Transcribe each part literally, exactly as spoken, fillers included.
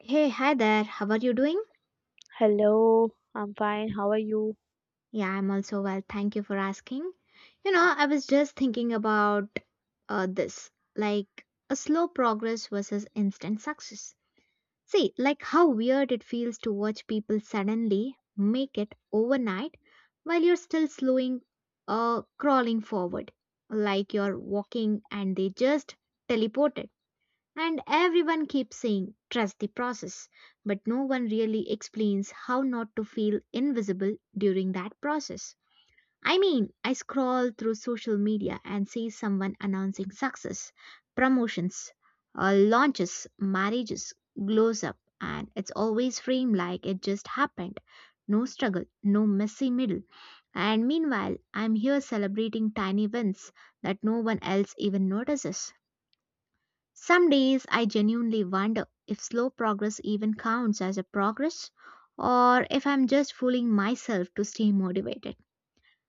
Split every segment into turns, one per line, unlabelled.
Hey, hi there. How are you doing?
Hello, I'm fine. How are you?
Yeah, I'm also well. Thank you for asking. You know, I was just thinking about uh, this like a slow progress versus instant success. See, like how weird it feels to watch people suddenly make it overnight while you're still slowing, uh, crawling forward, like you're walking and they just teleported. And everyone keeps saying, trust the process, but no one really explains how not to feel invisible during that process. I mean, I scroll through social media and see someone announcing success, promotions, uh, launches, marriages, glows up, and it's always framed like it just happened. No struggle, no messy middle. And meanwhile, I'm here celebrating tiny wins that no one else even notices. Some days I genuinely wonder if slow progress even counts as a progress or if I'm just fooling myself to stay motivated.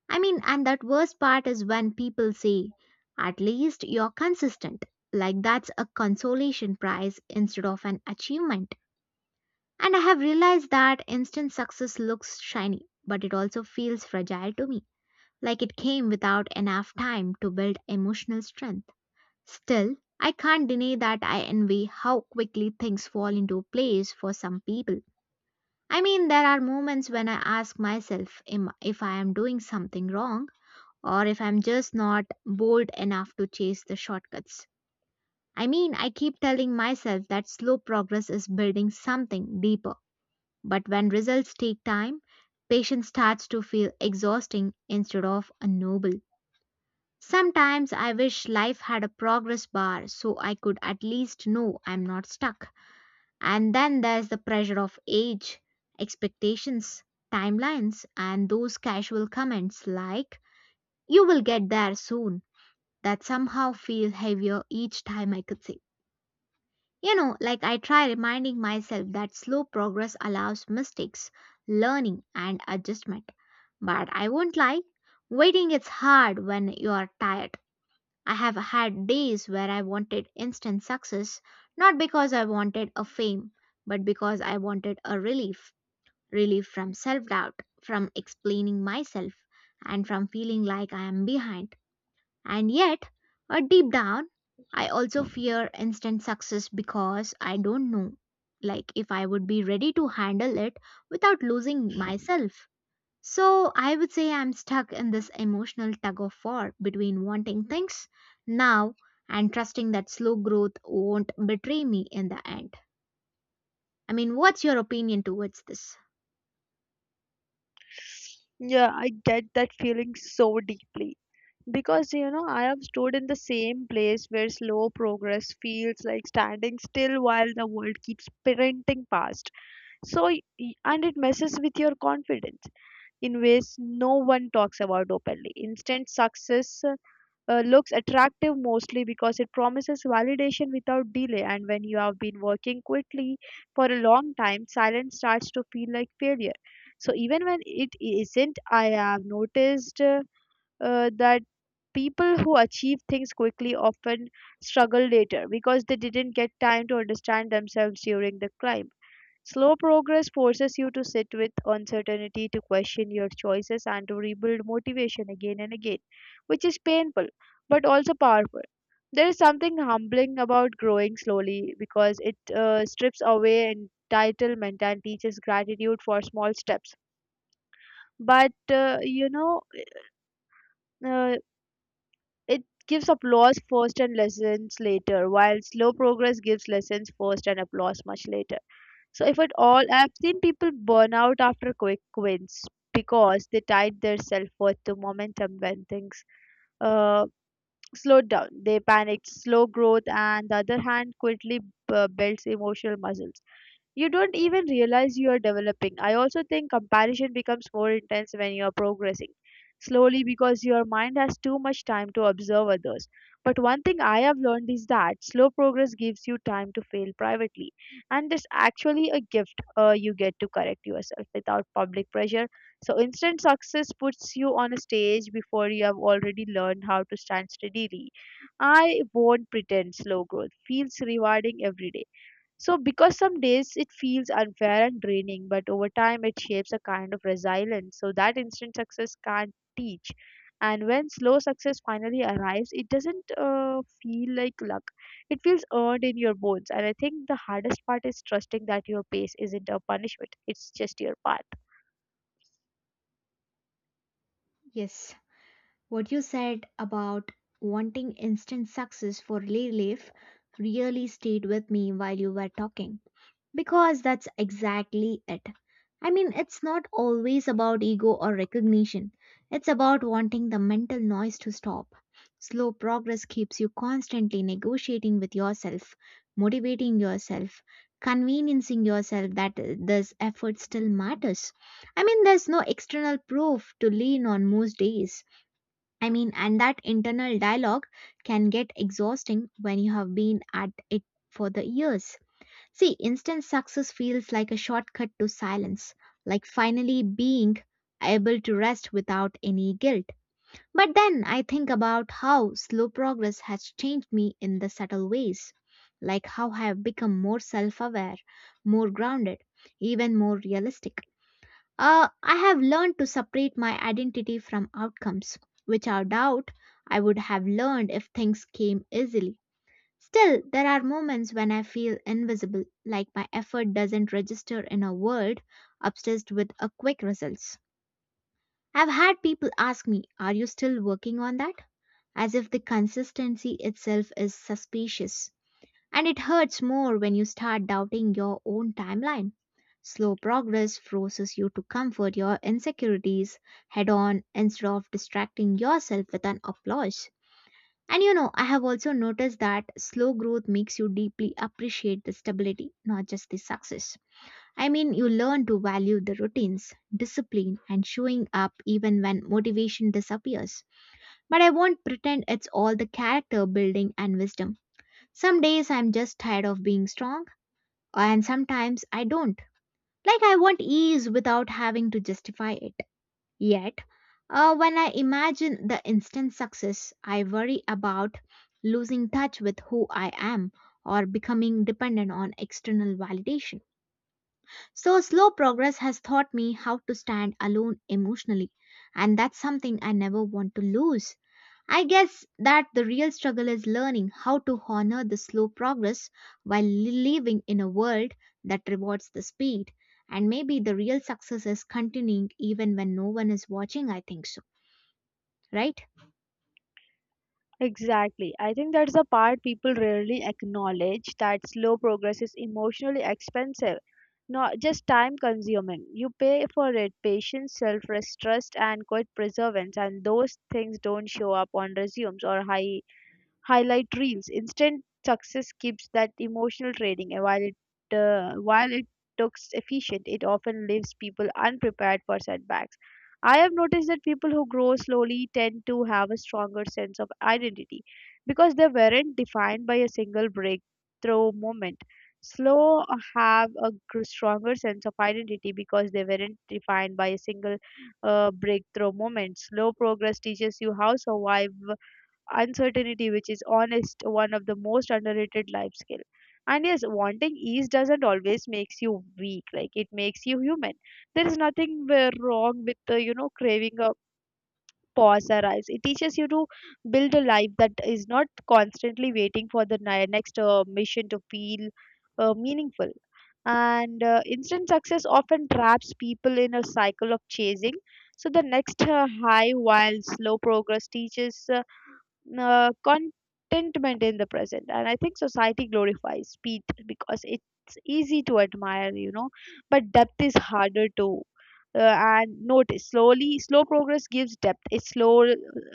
I mean, and that worst part is when people say, at least you're consistent. Like that's a consolation prize instead of an achievement. And I have realized that instant success looks shiny, but it also feels fragile to me. Like it came without enough time to build emotional strength. Still, I can't deny that I envy how quickly things fall into place for some people. I mean, there are moments when I ask myself im- if I am doing something wrong or if I'm just not bold enough to chase the shortcuts. I mean, I keep telling myself that slow progress is building something deeper. But when results take time, patience starts to feel exhausting instead of noble. Sometimes I wish life had a progress bar so I could at least know I'm not stuck. And then there's the pressure of age, expectations, timelines, and those casual comments like, you will get there soon, that somehow feel heavier each time I could say. You know, like I try reminding myself that slow progress allows mistakes, learning, and adjustment. But I won't lie, waiting is hard when you are tired. I have had days where I wanted instant success, not because I wanted a fame, but because I wanted a relief, relief from self doubt, from explaining myself, and from feeling like I am behind. And yet, uh, deep down, I also fear instant success because I don't know, like, if I would be ready to handle it without losing myself. So I would say I'm stuck in this emotional tug of war between wanting things now and trusting that slow growth won't betray me in the end. I mean, what's your opinion towards this?
Yeah, I get that feeling so deeply because you know I have stood in the same place where slow progress feels like standing still while the world keeps sprinting past. So, y- y- and it messes with your confidence in ways no one talks about openly. Instant success uh, looks attractive mostly because it promises validation without delay. And when you have been working quickly for a long time, silence starts to feel like failure. So even when it isn't, I have noticed uh, uh, that people who achieve things quickly often struggle later because they didn't get time to understand themselves during the climb. Slow progress forces you to sit with uncertainty, to question your choices, and to rebuild motivation again and again, which is painful but also powerful. There is something humbling about growing slowly because it uh, strips away entitlement and teaches gratitude for small steps. But uh, you know, uh, it gives applause first and lessons later, while slow progress gives lessons first and applause much later. So, if at all, I've seen people burn out after quick wins because they tied their self worth to momentum when things uh, slowed down. They panicked, slow growth, and the other hand quickly uh, builds emotional muscles. You don't even realize you are developing. I also think comparison becomes more intense when you are progressing slowly because your mind has too much time to observe others. But one thing I have learned is that slow progress gives you time to fail privately, and it's actually a gift, uh, you get to correct yourself without public pressure. So, instant success puts you on a stage before you have already learned how to stand steadily. I won't pretend slow growth feels rewarding every day, so, because some days it feels unfair and draining, but over time it shapes a kind of resilience. So, that instant success can't teach. And when slow success finally arrives, it doesn't uh, feel like luck. It feels earned in your bones. And I think the hardest part is trusting that your pace isn't a punishment, it's just your path.
Yes, what you said about wanting instant success for relief really stayed with me while you were talking. Because that's exactly it. I mean, it's not always about ego or recognition. It's about wanting the mental noise to stop. Slow progress keeps you constantly negotiating with yourself, motivating yourself, conveniencing yourself that uh, this effort still matters. I mean, there's no external proof to lean on most days. I mean, and that internal dialogue can get exhausting when you have been at it for the years. See, instant success feels like a shortcut to silence, like finally being able to rest without any guilt. But then I think about how slow progress has changed me in the subtle ways, like how I have become more self aware, more grounded, even more realistic. Uh, I have learned to separate my identity from outcomes, which I doubt I would have learned if things came easily. Still, there are moments when I feel invisible, like my effort doesn't register in a world obsessed with a quick results. I've had people ask me, "Are you still working on that?" As if the consistency itself is suspicious. And it hurts more when you start doubting your own timeline. Slow progress forces you to comfort your insecurities head on instead of distracting yourself with an applause. And you know, I have also noticed that slow growth makes you deeply appreciate the stability, not just the success. I mean, you learn to value the routines, discipline, and showing up even when motivation disappears. But I won't pretend it's all the character building and wisdom. Some days I'm just tired of being strong, and sometimes I don't. Like, I want ease without having to justify it. Yet, uh, when I imagine the instant success, I worry about losing touch with who I am or becoming dependent on external validation. So, slow progress has taught me how to stand alone emotionally, and that's something I never want to lose. I guess that the real struggle is learning how to honor the slow progress while living in a world that rewards the speed. And maybe the real success is continuing even when no one is watching, I think so, right?
Exactly. I think that's the part people rarely acknowledge, that slow progress is emotionally expensive, not just time consuming. You pay for it patience, self trust, and quite perseverance, and those things don't show up on resumes or high highlight reels. Instant success keeps that emotional trading, and while it uh, while it looks efficient, it often leaves people unprepared for setbacks. I have noticed that people who grow slowly tend to have a stronger sense of identity because they weren't defined by a single breakthrough moment. Slow have a gr- stronger sense of identity because they weren't defined by a single uh, breakthrough moment. Slow progress teaches you how survive uncertainty, which is honest one of the most underrated life skill. And yes, wanting ease doesn't always makes you weak, like it makes you human. There is nothing where wrong with the you know craving a pause arise. It teaches you to build a life that is not constantly waiting for the ni- next uh, mission to feel uh, meaningful. And uh, instant success often traps people in a cycle of chasing. So the next uh, high, while slow progress, teaches uh, uh, contentment in the present. And I think society glorifies speed because it's easy to admire, you know, but depth is harder to, uh, and note slowly, slow progress gives depth. It slow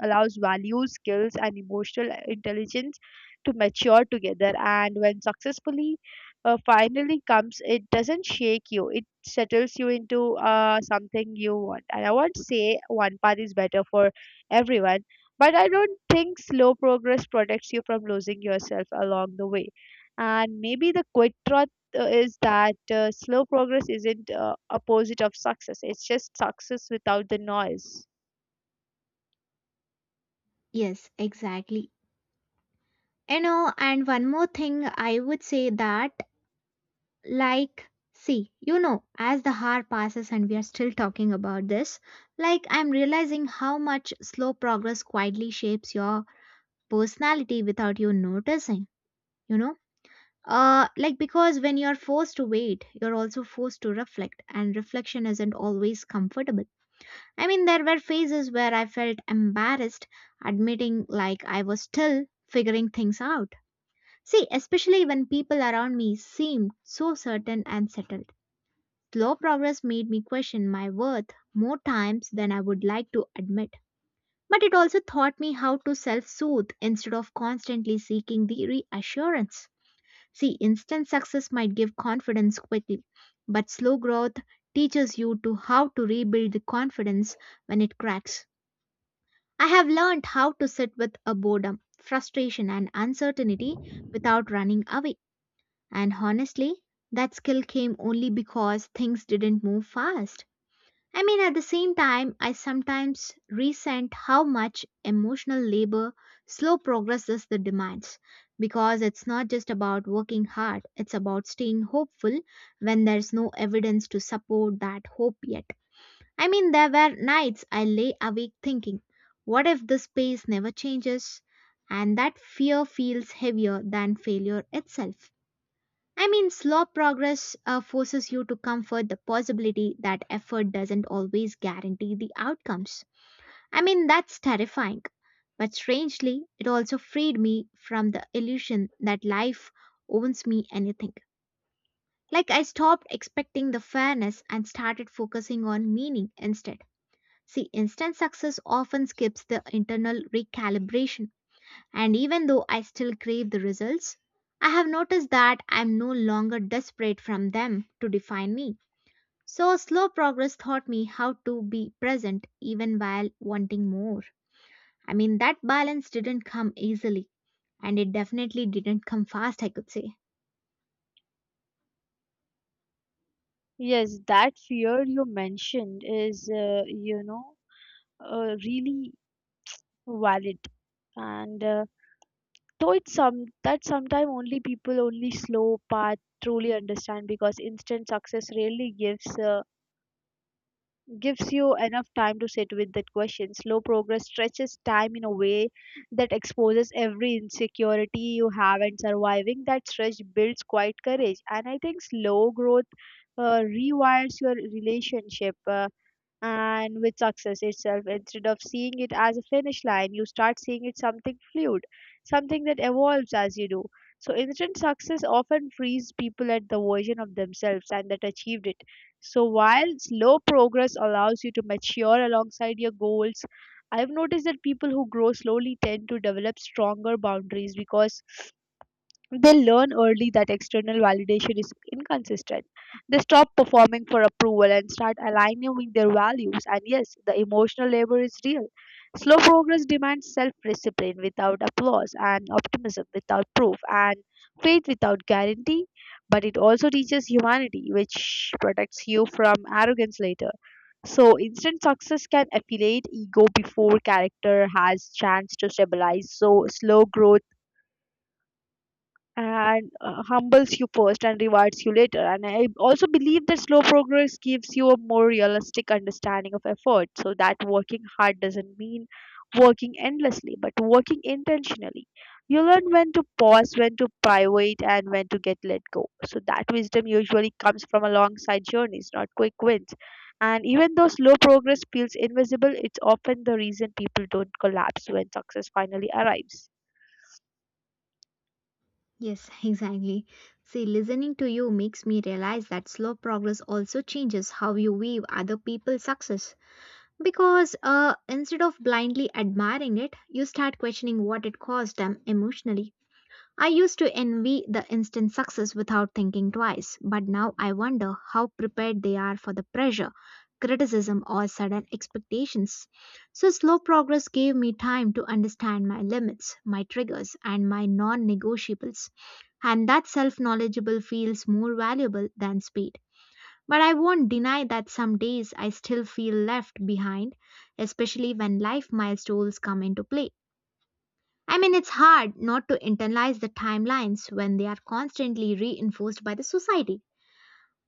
allows values, skills, and emotional intelligence to mature together. And when successfully uh, finally comes, it doesn't shake you. It settles you into uh, something you want. And I won't say one path is better for everyone, but I don't think slow progress protects you from losing yourself along the way. And maybe the quick truth uh, is that uh, slow progress isn't uh, opposite of success. It's just success without the noise.
Yes, exactly. You know, and one more thing, I would say that, like, see, you know, as the hour passes and we are still talking about this, like, I'm realizing how much slow progress quietly shapes your personality without you noticing, you know? Uh, like, because when you're forced to wait, you're also forced to reflect, and reflection isn't always comfortable. I mean, there were phases where I felt embarrassed admitting, like, I was still figuring things out. See, especially when people around me seemed so certain and settled. Slow progress made me question my worth more times than I would like to admit. But it also taught me how to self soothe instead of constantly seeking the reassurance. See, instant success might give confidence quickly, but slow growth teaches you to how to rebuild the confidence when it cracks. I have learned how to sit with a boredom, frustration, and uncertainty without running away. And honestly, that skill came only because things didn't move fast. I mean, at the same time, I sometimes resent how much emotional labor slow progress is the demands because it's not just about working hard, it's about staying hopeful when there's no evidence to support that hope yet. I mean, there were nights I lay awake thinking, what if this pace never changes? And that fear feels heavier than failure itself. I mean, slow progress uh, forces you to comfort the possibility that effort doesn't always guarantee the outcomes. I mean, that's terrifying. But strangely, it also freed me from the illusion that life owns me anything. Like, I stopped expecting the fairness and started focusing on meaning instead. See, instant success often skips the internal recalibration and even though I still crave the results, I have noticed that I am no longer desperate from them to define me. So, slow progress taught me how to be present even while wanting more. I mean, that balance didn't come easily, and it definitely didn't come fast, I could say.
Yes, that fear you mentioned is, uh, you know, uh, really valid. And uh, though it's some that sometimes only people only slow path truly understand, because instant success rarely gives uh, gives you enough time to sit with that question. Slow progress stretches time in a way that exposes every insecurity you have, and surviving that stretch builds quite courage. And I think slow growth uh, rewires your relationship. Uh, and with success itself, instead of seeing it as a finish line, you start seeing it something fluid, something that evolves as you do. So instant success often frees people at the version of themselves and that achieved it. So while slow progress allows you to mature alongside your goals, I've noticed that people who grow slowly tend to develop stronger boundaries because they learn early that external validation is inconsistent. They stop performing for approval and start aligning with their values. And yes, the emotional labor is real. Slow progress demands self discipline without applause, and optimism without proof, and faith without guarantee. But it also teaches humanity, which protects you from arrogance later. So instant success can affiliate ego before character has chance to stabilize. So slow growth and uh, humbles you first and rewards you later. And I also believe that slow progress gives you a more realistic understanding of effort, so that working hard doesn't mean working endlessly, but working intentionally. You learn when to pause, when to private, and when to get let go. So that wisdom usually comes from alongside journeys, not quick wins. And even though slow progress feels invisible, it's often the reason people don't collapse when success finally arrives.
Yes, exactly. See, listening to you makes me realize that slow progress also changes how you view other people's success. Because uh, instead of blindly admiring it, you start questioning what it caused them emotionally. I used to envy the instant success without thinking twice, but now I wonder how prepared they are for the pressure, criticism, or sudden expectations. So, slow progress gave me time to understand my limits, my triggers, and my non negotiables. And that self knowledgeable feels more valuable than speed. But I won't deny that some days I still feel left behind, especially when life milestones come into play. I mean, it's hard not to internalize the timelines when they are constantly reinforced by the society.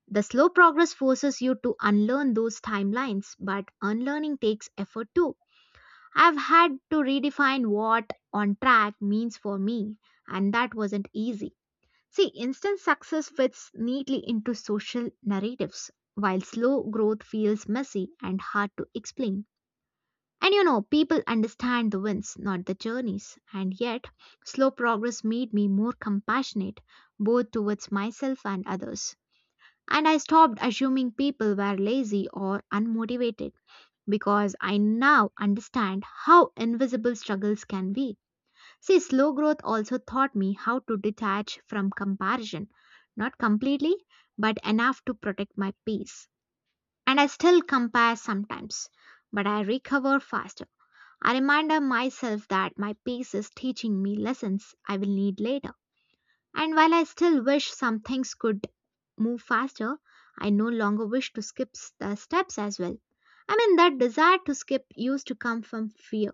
The slow progress forces you to unlearn those timelines, but unlearning takes effort too. I've had to redefine what on track means for me, and that wasn't easy. See, instant success fits neatly into social narratives, while slow growth feels messy and hard to explain. And you know, people understand the wins, not the journeys. And yet, slow progress made me more compassionate, both towards myself and others. And I stopped assuming people were lazy or unmotivated because I now understand how invisible struggles can be. See, slow growth also taught me how to detach from comparison, not completely, but enough to protect my peace. And I still compare sometimes, but I recover faster. I remind myself that my pace is teaching me lessons I will need later. And while I still wish some things could move faster, I no longer wish to skip s- the steps as well. I mean, that desire to skip used to come from fear,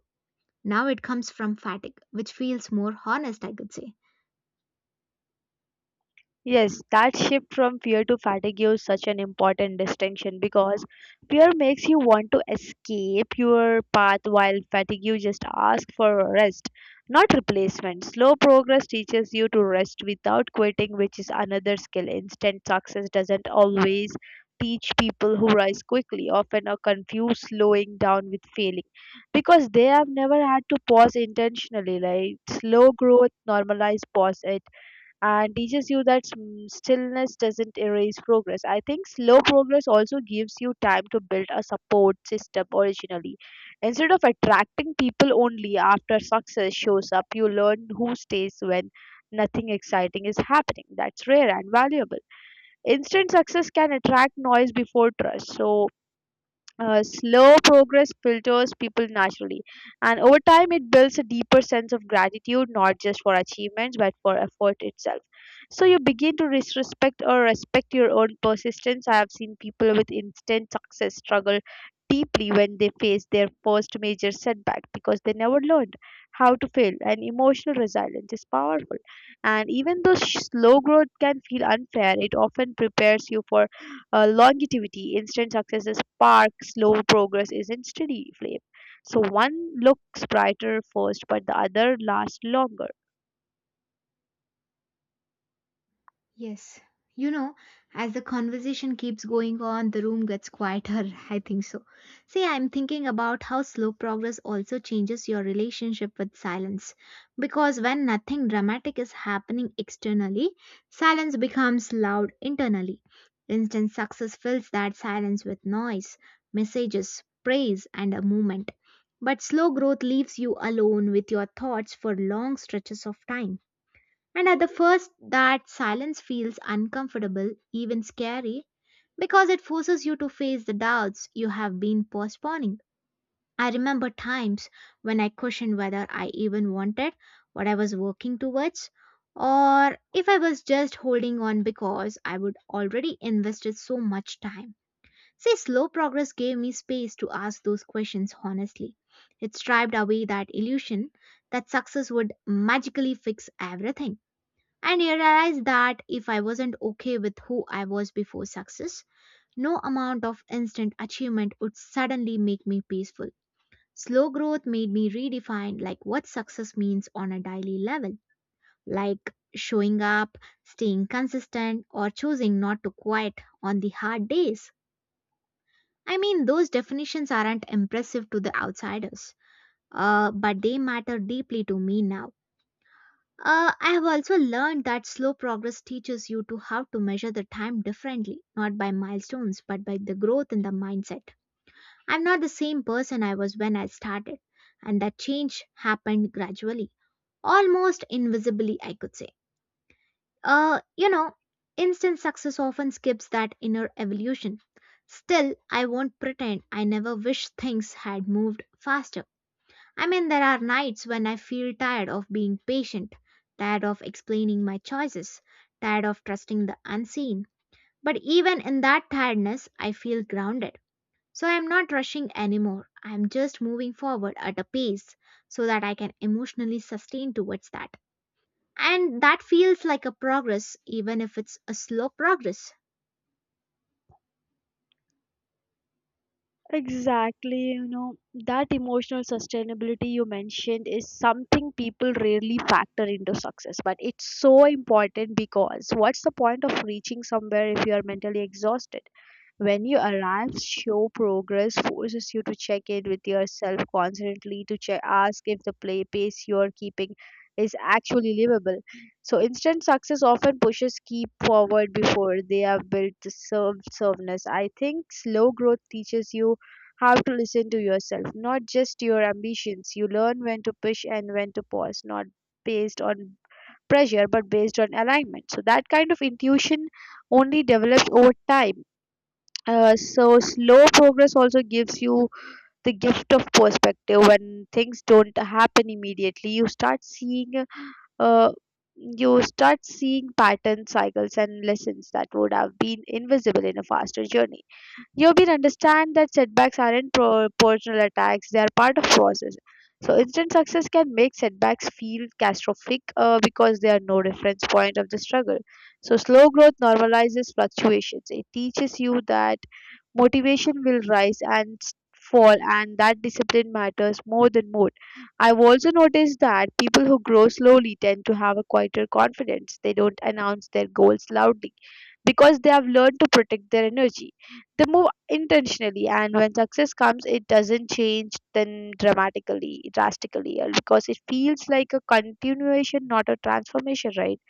now it comes from fatigue, which feels more honest, I could say.
Yes, that shift from fear to fatigue is such an important distinction, because fear makes you want to escape your path, while fatigue you just ask for rest, not replacement. Slow progress teaches you to rest without quitting, which is another skill. Instant success doesn't always teach people who rise quickly, often are confused slowing down with failing because they have never had to pause intentionally. Like slow growth normalize pause it and teaches you that, mm, stillness doesn't erase progress. I think slow progress also gives you time to build a support system originally. Instead of attracting people only after success shows up, you learn who stays when nothing exciting is happening. That's rare and valuable. Instant success can attract noise before trust. So, uh, slow progress filters people naturally, and over time it builds a deeper sense of gratitude, not just for achievements but for effort itself. So you begin to disrespect or respect your own persistence. I have seen people with instant success struggle deeply when they face their first major setback because they never learned how to fail, and emotional resilience is powerful. And even though sh- slow growth can feel unfair, it often prepares you for uh, longevity. Instant success is spark, slow progress isn't steady flame. So one looks brighter first, but the other lasts longer.
Yes. You know, as the conversation keeps going on, the room gets quieter. I think so. See, I'm thinking about how slow progress also changes your relationship with silence. Because when nothing dramatic is happening externally, silence becomes loud internally. Instant success fills that silence with noise, messages, praise, and a movement. But slow growth leaves you alone with your thoughts for long stretches of time. And at the first, that silence feels uncomfortable, even scary, because it forces you to face the doubts you have been postponing. I remember times when I questioned whether I even wanted what I was working towards, or if I was just holding on because I would already invested so much time. See, slow progress gave me space to ask those questions honestly. It stripped away that illusion that success would magically fix everything. And I realized that if I wasn't okay with who I was before success, no amount of instant achievement would suddenly make me peaceful. Slow growth made me redefine like what success means on a daily level, like showing up, staying consistent, or choosing not to quit on the hard days. I mean, those definitions aren't impressive to the outsiders, uh, but they matter deeply to me now. Uh, I have also learned that slow progress teaches you to how to measure the time differently, not by milestones, but by the growth in the mindset. I'm not the same person I was when I started, and that change happened gradually, almost invisibly, I could say. Uh, you know, Instant success often skips that inner evolution. Still, I won't pretend I never wish things had moved faster. I mean, there are nights when I feel tired of being patient, tired of explaining my choices, tired of trusting the unseen. But even in that tiredness, I feel grounded. So I'm not rushing anymore. I'm just moving forward at a pace so that I can emotionally sustain towards that. And that feels like a progress, even if it's a slow progress.
Exactly, you know, that emotional sustainability you mentioned is something people rarely factor into success, but it's so important because what's the point of reaching somewhere if you are mentally exhausted? When you arrive, show progress forces you to check in with yourself constantly, to check, ask if the play pace you're keeping is actually livable. So instant success often pushes keep forward before they have built the self-serveness. I think slow growth teaches you how to listen to yourself, not just your ambitions. You learn when to push and when to pause, not based on pressure, but based on alignment. So that kind of intuition only develops over time. Uh, so slow progress also gives you the gift of perspective. When things don't happen immediately, you start seeing uh, you start seeing patterns, cycles and lessons that would have been invisible in a faster journey. Yobin understand that setbacks aren't pro- personal attacks, they are part of process. So instant success can make setbacks feel catastrophic, uh, because they are no reference point of the struggle. So slow growth normalizes fluctuations. It teaches you that motivation will rise and s- fall, and that discipline matters more than mood. I've also noticed that people who grow slowly tend to have a quieter confidence. They don't announce their goals loudly because they have learned to protect their energy. They move intentionally, and when success comes, it doesn't change them dramatically, drastically, uh, because it feels like a continuation, not a transformation, right?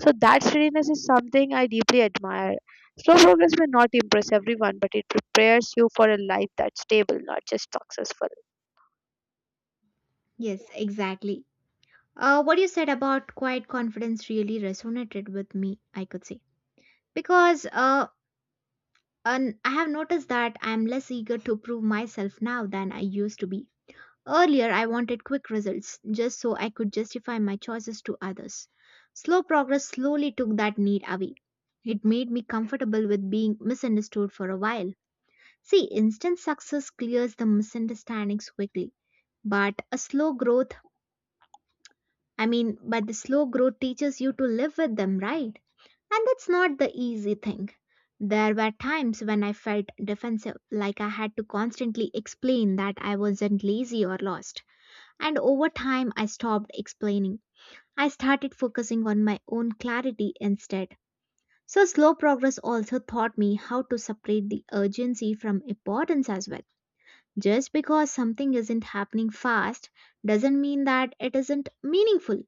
So that steadiness is something I deeply admire. Slow progress may not impress everyone, but it prepares you for a life that's stable, not just successful.
Yes, exactly. Uh, what you said about quiet confidence really resonated with me, I could say. Because uh, And I have noticed that I am less eager to prove myself now than I used to be. Earlier, I wanted quick results just so I could justify my choices to others. Slow progress slowly took that need away. It made me comfortable with being misunderstood for a while. See, instant success clears the misunderstandings quickly. But a slow growth, I mean, but the slow growth teaches you to live with them, right? And that's not the easy thing. There were times when I felt defensive, like I had to constantly explain that I wasn't lazy or lost. And over time, I stopped explaining. I started focusing on my own clarity instead. So, slow progress also taught me how to separate the urgency from importance as well. Just because something isn't happening fast doesn't mean that it isn't meaningful.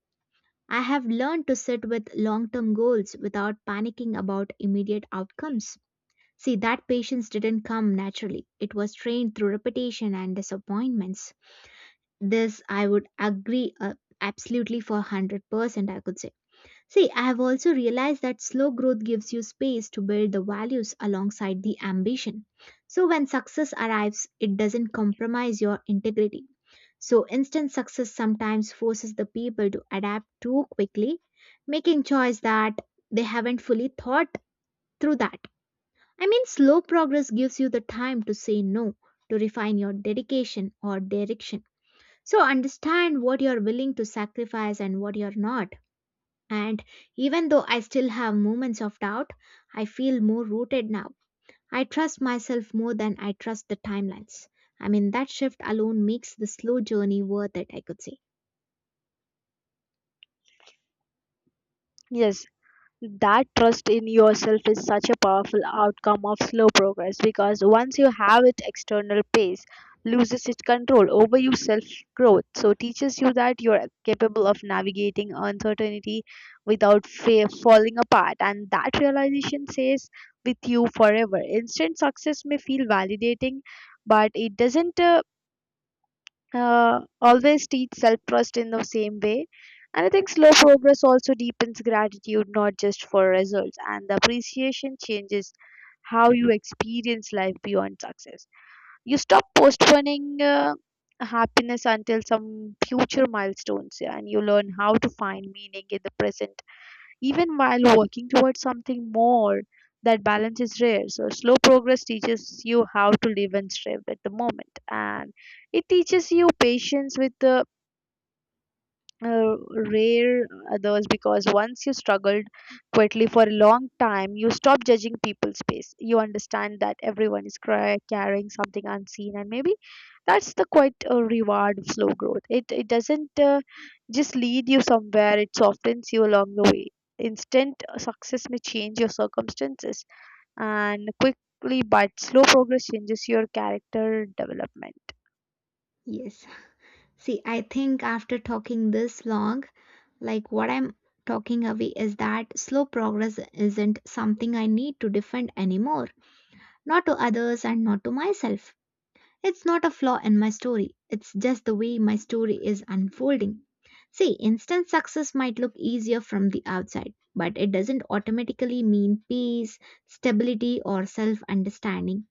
I have learned to sit with long term goals without panicking about immediate outcomes. See, that patience didn't come naturally, it was trained through repetition and disappointments. This I would agree, uh, absolutely for one hundred percent, I could say. See, I have also realized that slow growth gives you space to build the values alongside the ambition. So, when success arrives, it doesn't compromise your integrity. So, instant success sometimes forces the people to adapt too quickly, making choice that they haven't fully thought through that. I mean, slow progress gives you the time to say no, to refine your dedication or direction. So, understand what you're willing to sacrifice and what you're not. And even though I still have moments of doubt, I feel more rooted now. I trust myself more than I trust the timelines. I mean, that shift alone makes the slow journey worth it, I could say.
Yes, that trust in yourself is such a powerful outcome of slow progress, because once you have it, external pace loses its control over your self growth. So, teaches you that you're capable of navigating uncertainty without fear falling apart, and that realization stays with you forever. Instant success may feel validating, but it doesn't uh, uh, always teach self trust in the same way. And I think slow progress also deepens gratitude, not just for results, and the appreciation changes how you experience life beyond success. You stop postponing uh, happiness until some future milestones, yeah, and you learn how to find meaning in the present even while working towards something more. That balance is rare. So, slow progress teaches you how to live and strive at the moment, and it teaches you patience with the, uh, rare others, because once you struggled quietly for a long time, you stop judging people's pace. You understand that everyone is cry- carrying something unseen, and maybe that's the quite uh, reward of slow growth. It it doesn't uh, just lead you somewhere; it softens you along the way. Instant uh, success may change your circumstances, and quickly, but slow progress changes your character development.
Yes. See, I think after talking this long, like what I'm talking away is that slow progress isn't something I need to defend anymore, not to others and not to myself. It's not a flaw in my story, it's just the way my story is unfolding. See, instant success might look easier from the outside, but it doesn't automatically mean peace, stability, or self understanding.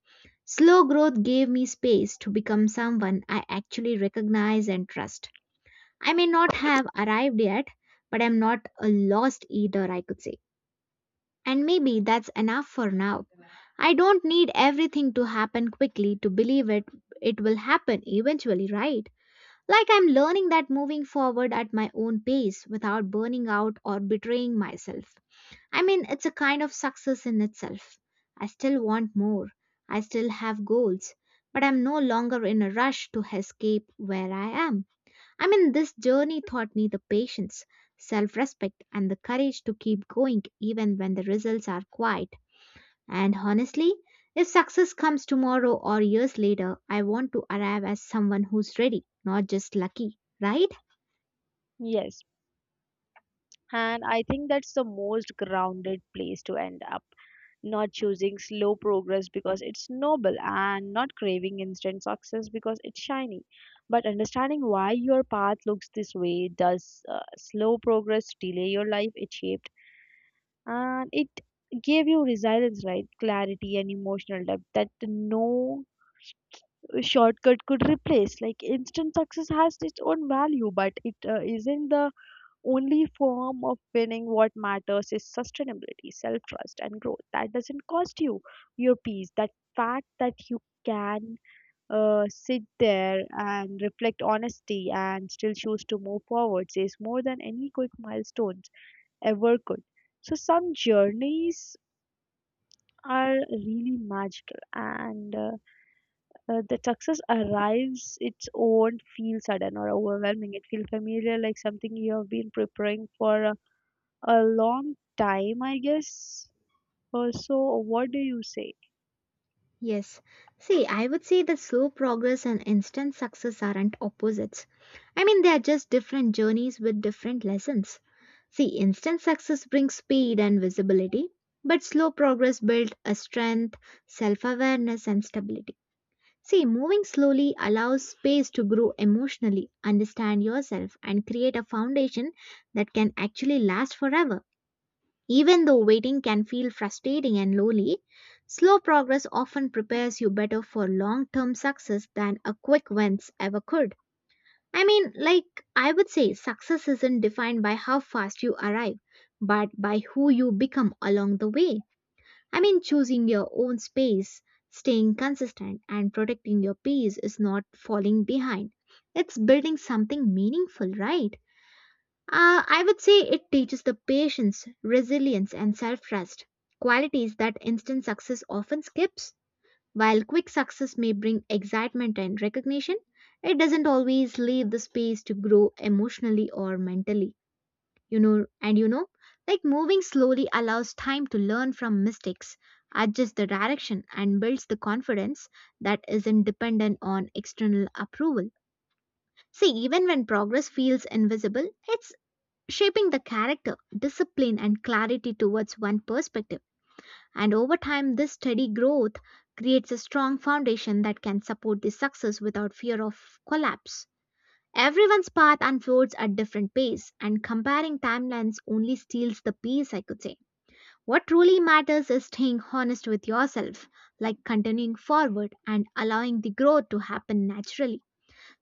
Slow growth gave me space to become someone I actually recognize and trust. I may not have arrived yet, but I'm not a lost either, I could say. And maybe that's enough for now. I don't need everything to happen quickly to believe it it will happen eventually, right? Like I'm learning that moving forward at my own pace without burning out or betraying myself. I mean, it's a kind of success in itself. I still want more. I still have goals, but I'm no longer in a rush to escape where I am. I mean, this journey taught me the patience, self-respect and the courage to keep going even when the results are quiet and honestly, if success comes tomorrow or years later, I want to arrive as someone who's ready, not just lucky, right?
Yes. And I think that's the most grounded place to end up. Not choosing slow progress because it's noble and not craving instant success because it's shiny. But understanding why your path looks this way. Does uh, slow progress delay your life? It shaped, and it gave you resilience, right? Clarity and emotional depth that no shortcut could replace. Like instant success has its own value, but it uh, isn't the only form of winning. What matters is sustainability, self trust, and growth that doesn't cost you your peace. That fact that you can uh, sit there and reflect honesty and still choose to move forward says more than any quick milestones ever could. So some journeys are really magical, and uh, uh, the success arrives its own feel sudden or overwhelming, it feels familiar, like something you have been preparing for, uh, a long time, I guess, or so. What do you say?
Yes. See, I would say that slow progress and instant success aren't opposites. I mean, they are just different journeys with different lessons. See, instant success brings speed and visibility, but slow progress builds a strength, self awareness, and stability. See, moving slowly allows space to grow emotionally, understand yourself, and create a foundation that can actually last forever. Even though waiting can feel frustrating and lonely, slow progress often prepares you better for long term success than a quick wins ever could. I mean, like, I would say success isn't defined by how fast you arrive, but by who you become along the way. I mean, choosing your own space, staying consistent, and protecting your peace is not falling behind. It's building something meaningful, right? Uh, I would say it teaches the patience, resilience, and self trust, qualities that instant success often skips. While quick success may bring excitement and recognition, it doesn't always leave the space to grow emotionally or mentally. You know, and you know, like moving slowly allows time to learn from mistakes, adjust the direction, and builds the confidence that isn't dependent on external approval. See, even when progress feels invisible, it's shaping the character, discipline, and clarity towards one perspective. And over time, this steady growth creates a strong foundation that can support the success without fear of collapse. Everyone's path unfolds at different pace, and comparing timelines only steals the peace, I could say. What truly matters is staying honest with yourself, like continuing forward and allowing the growth to happen naturally.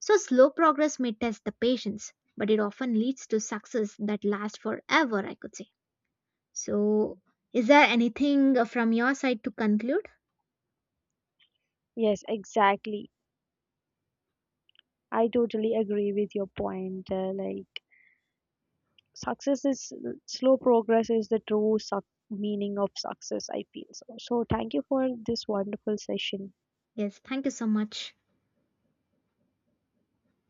So, slow progress may test the patience, but it often leads to success that lasts forever, I could say. So, is there anything uh, from your side to conclude?
Yes, exactly. I totally agree with your point. Uh, like, success is slow progress is the true suc meaning of success, I feel so. So, thank you for this wonderful session.
Yes, thank you so much.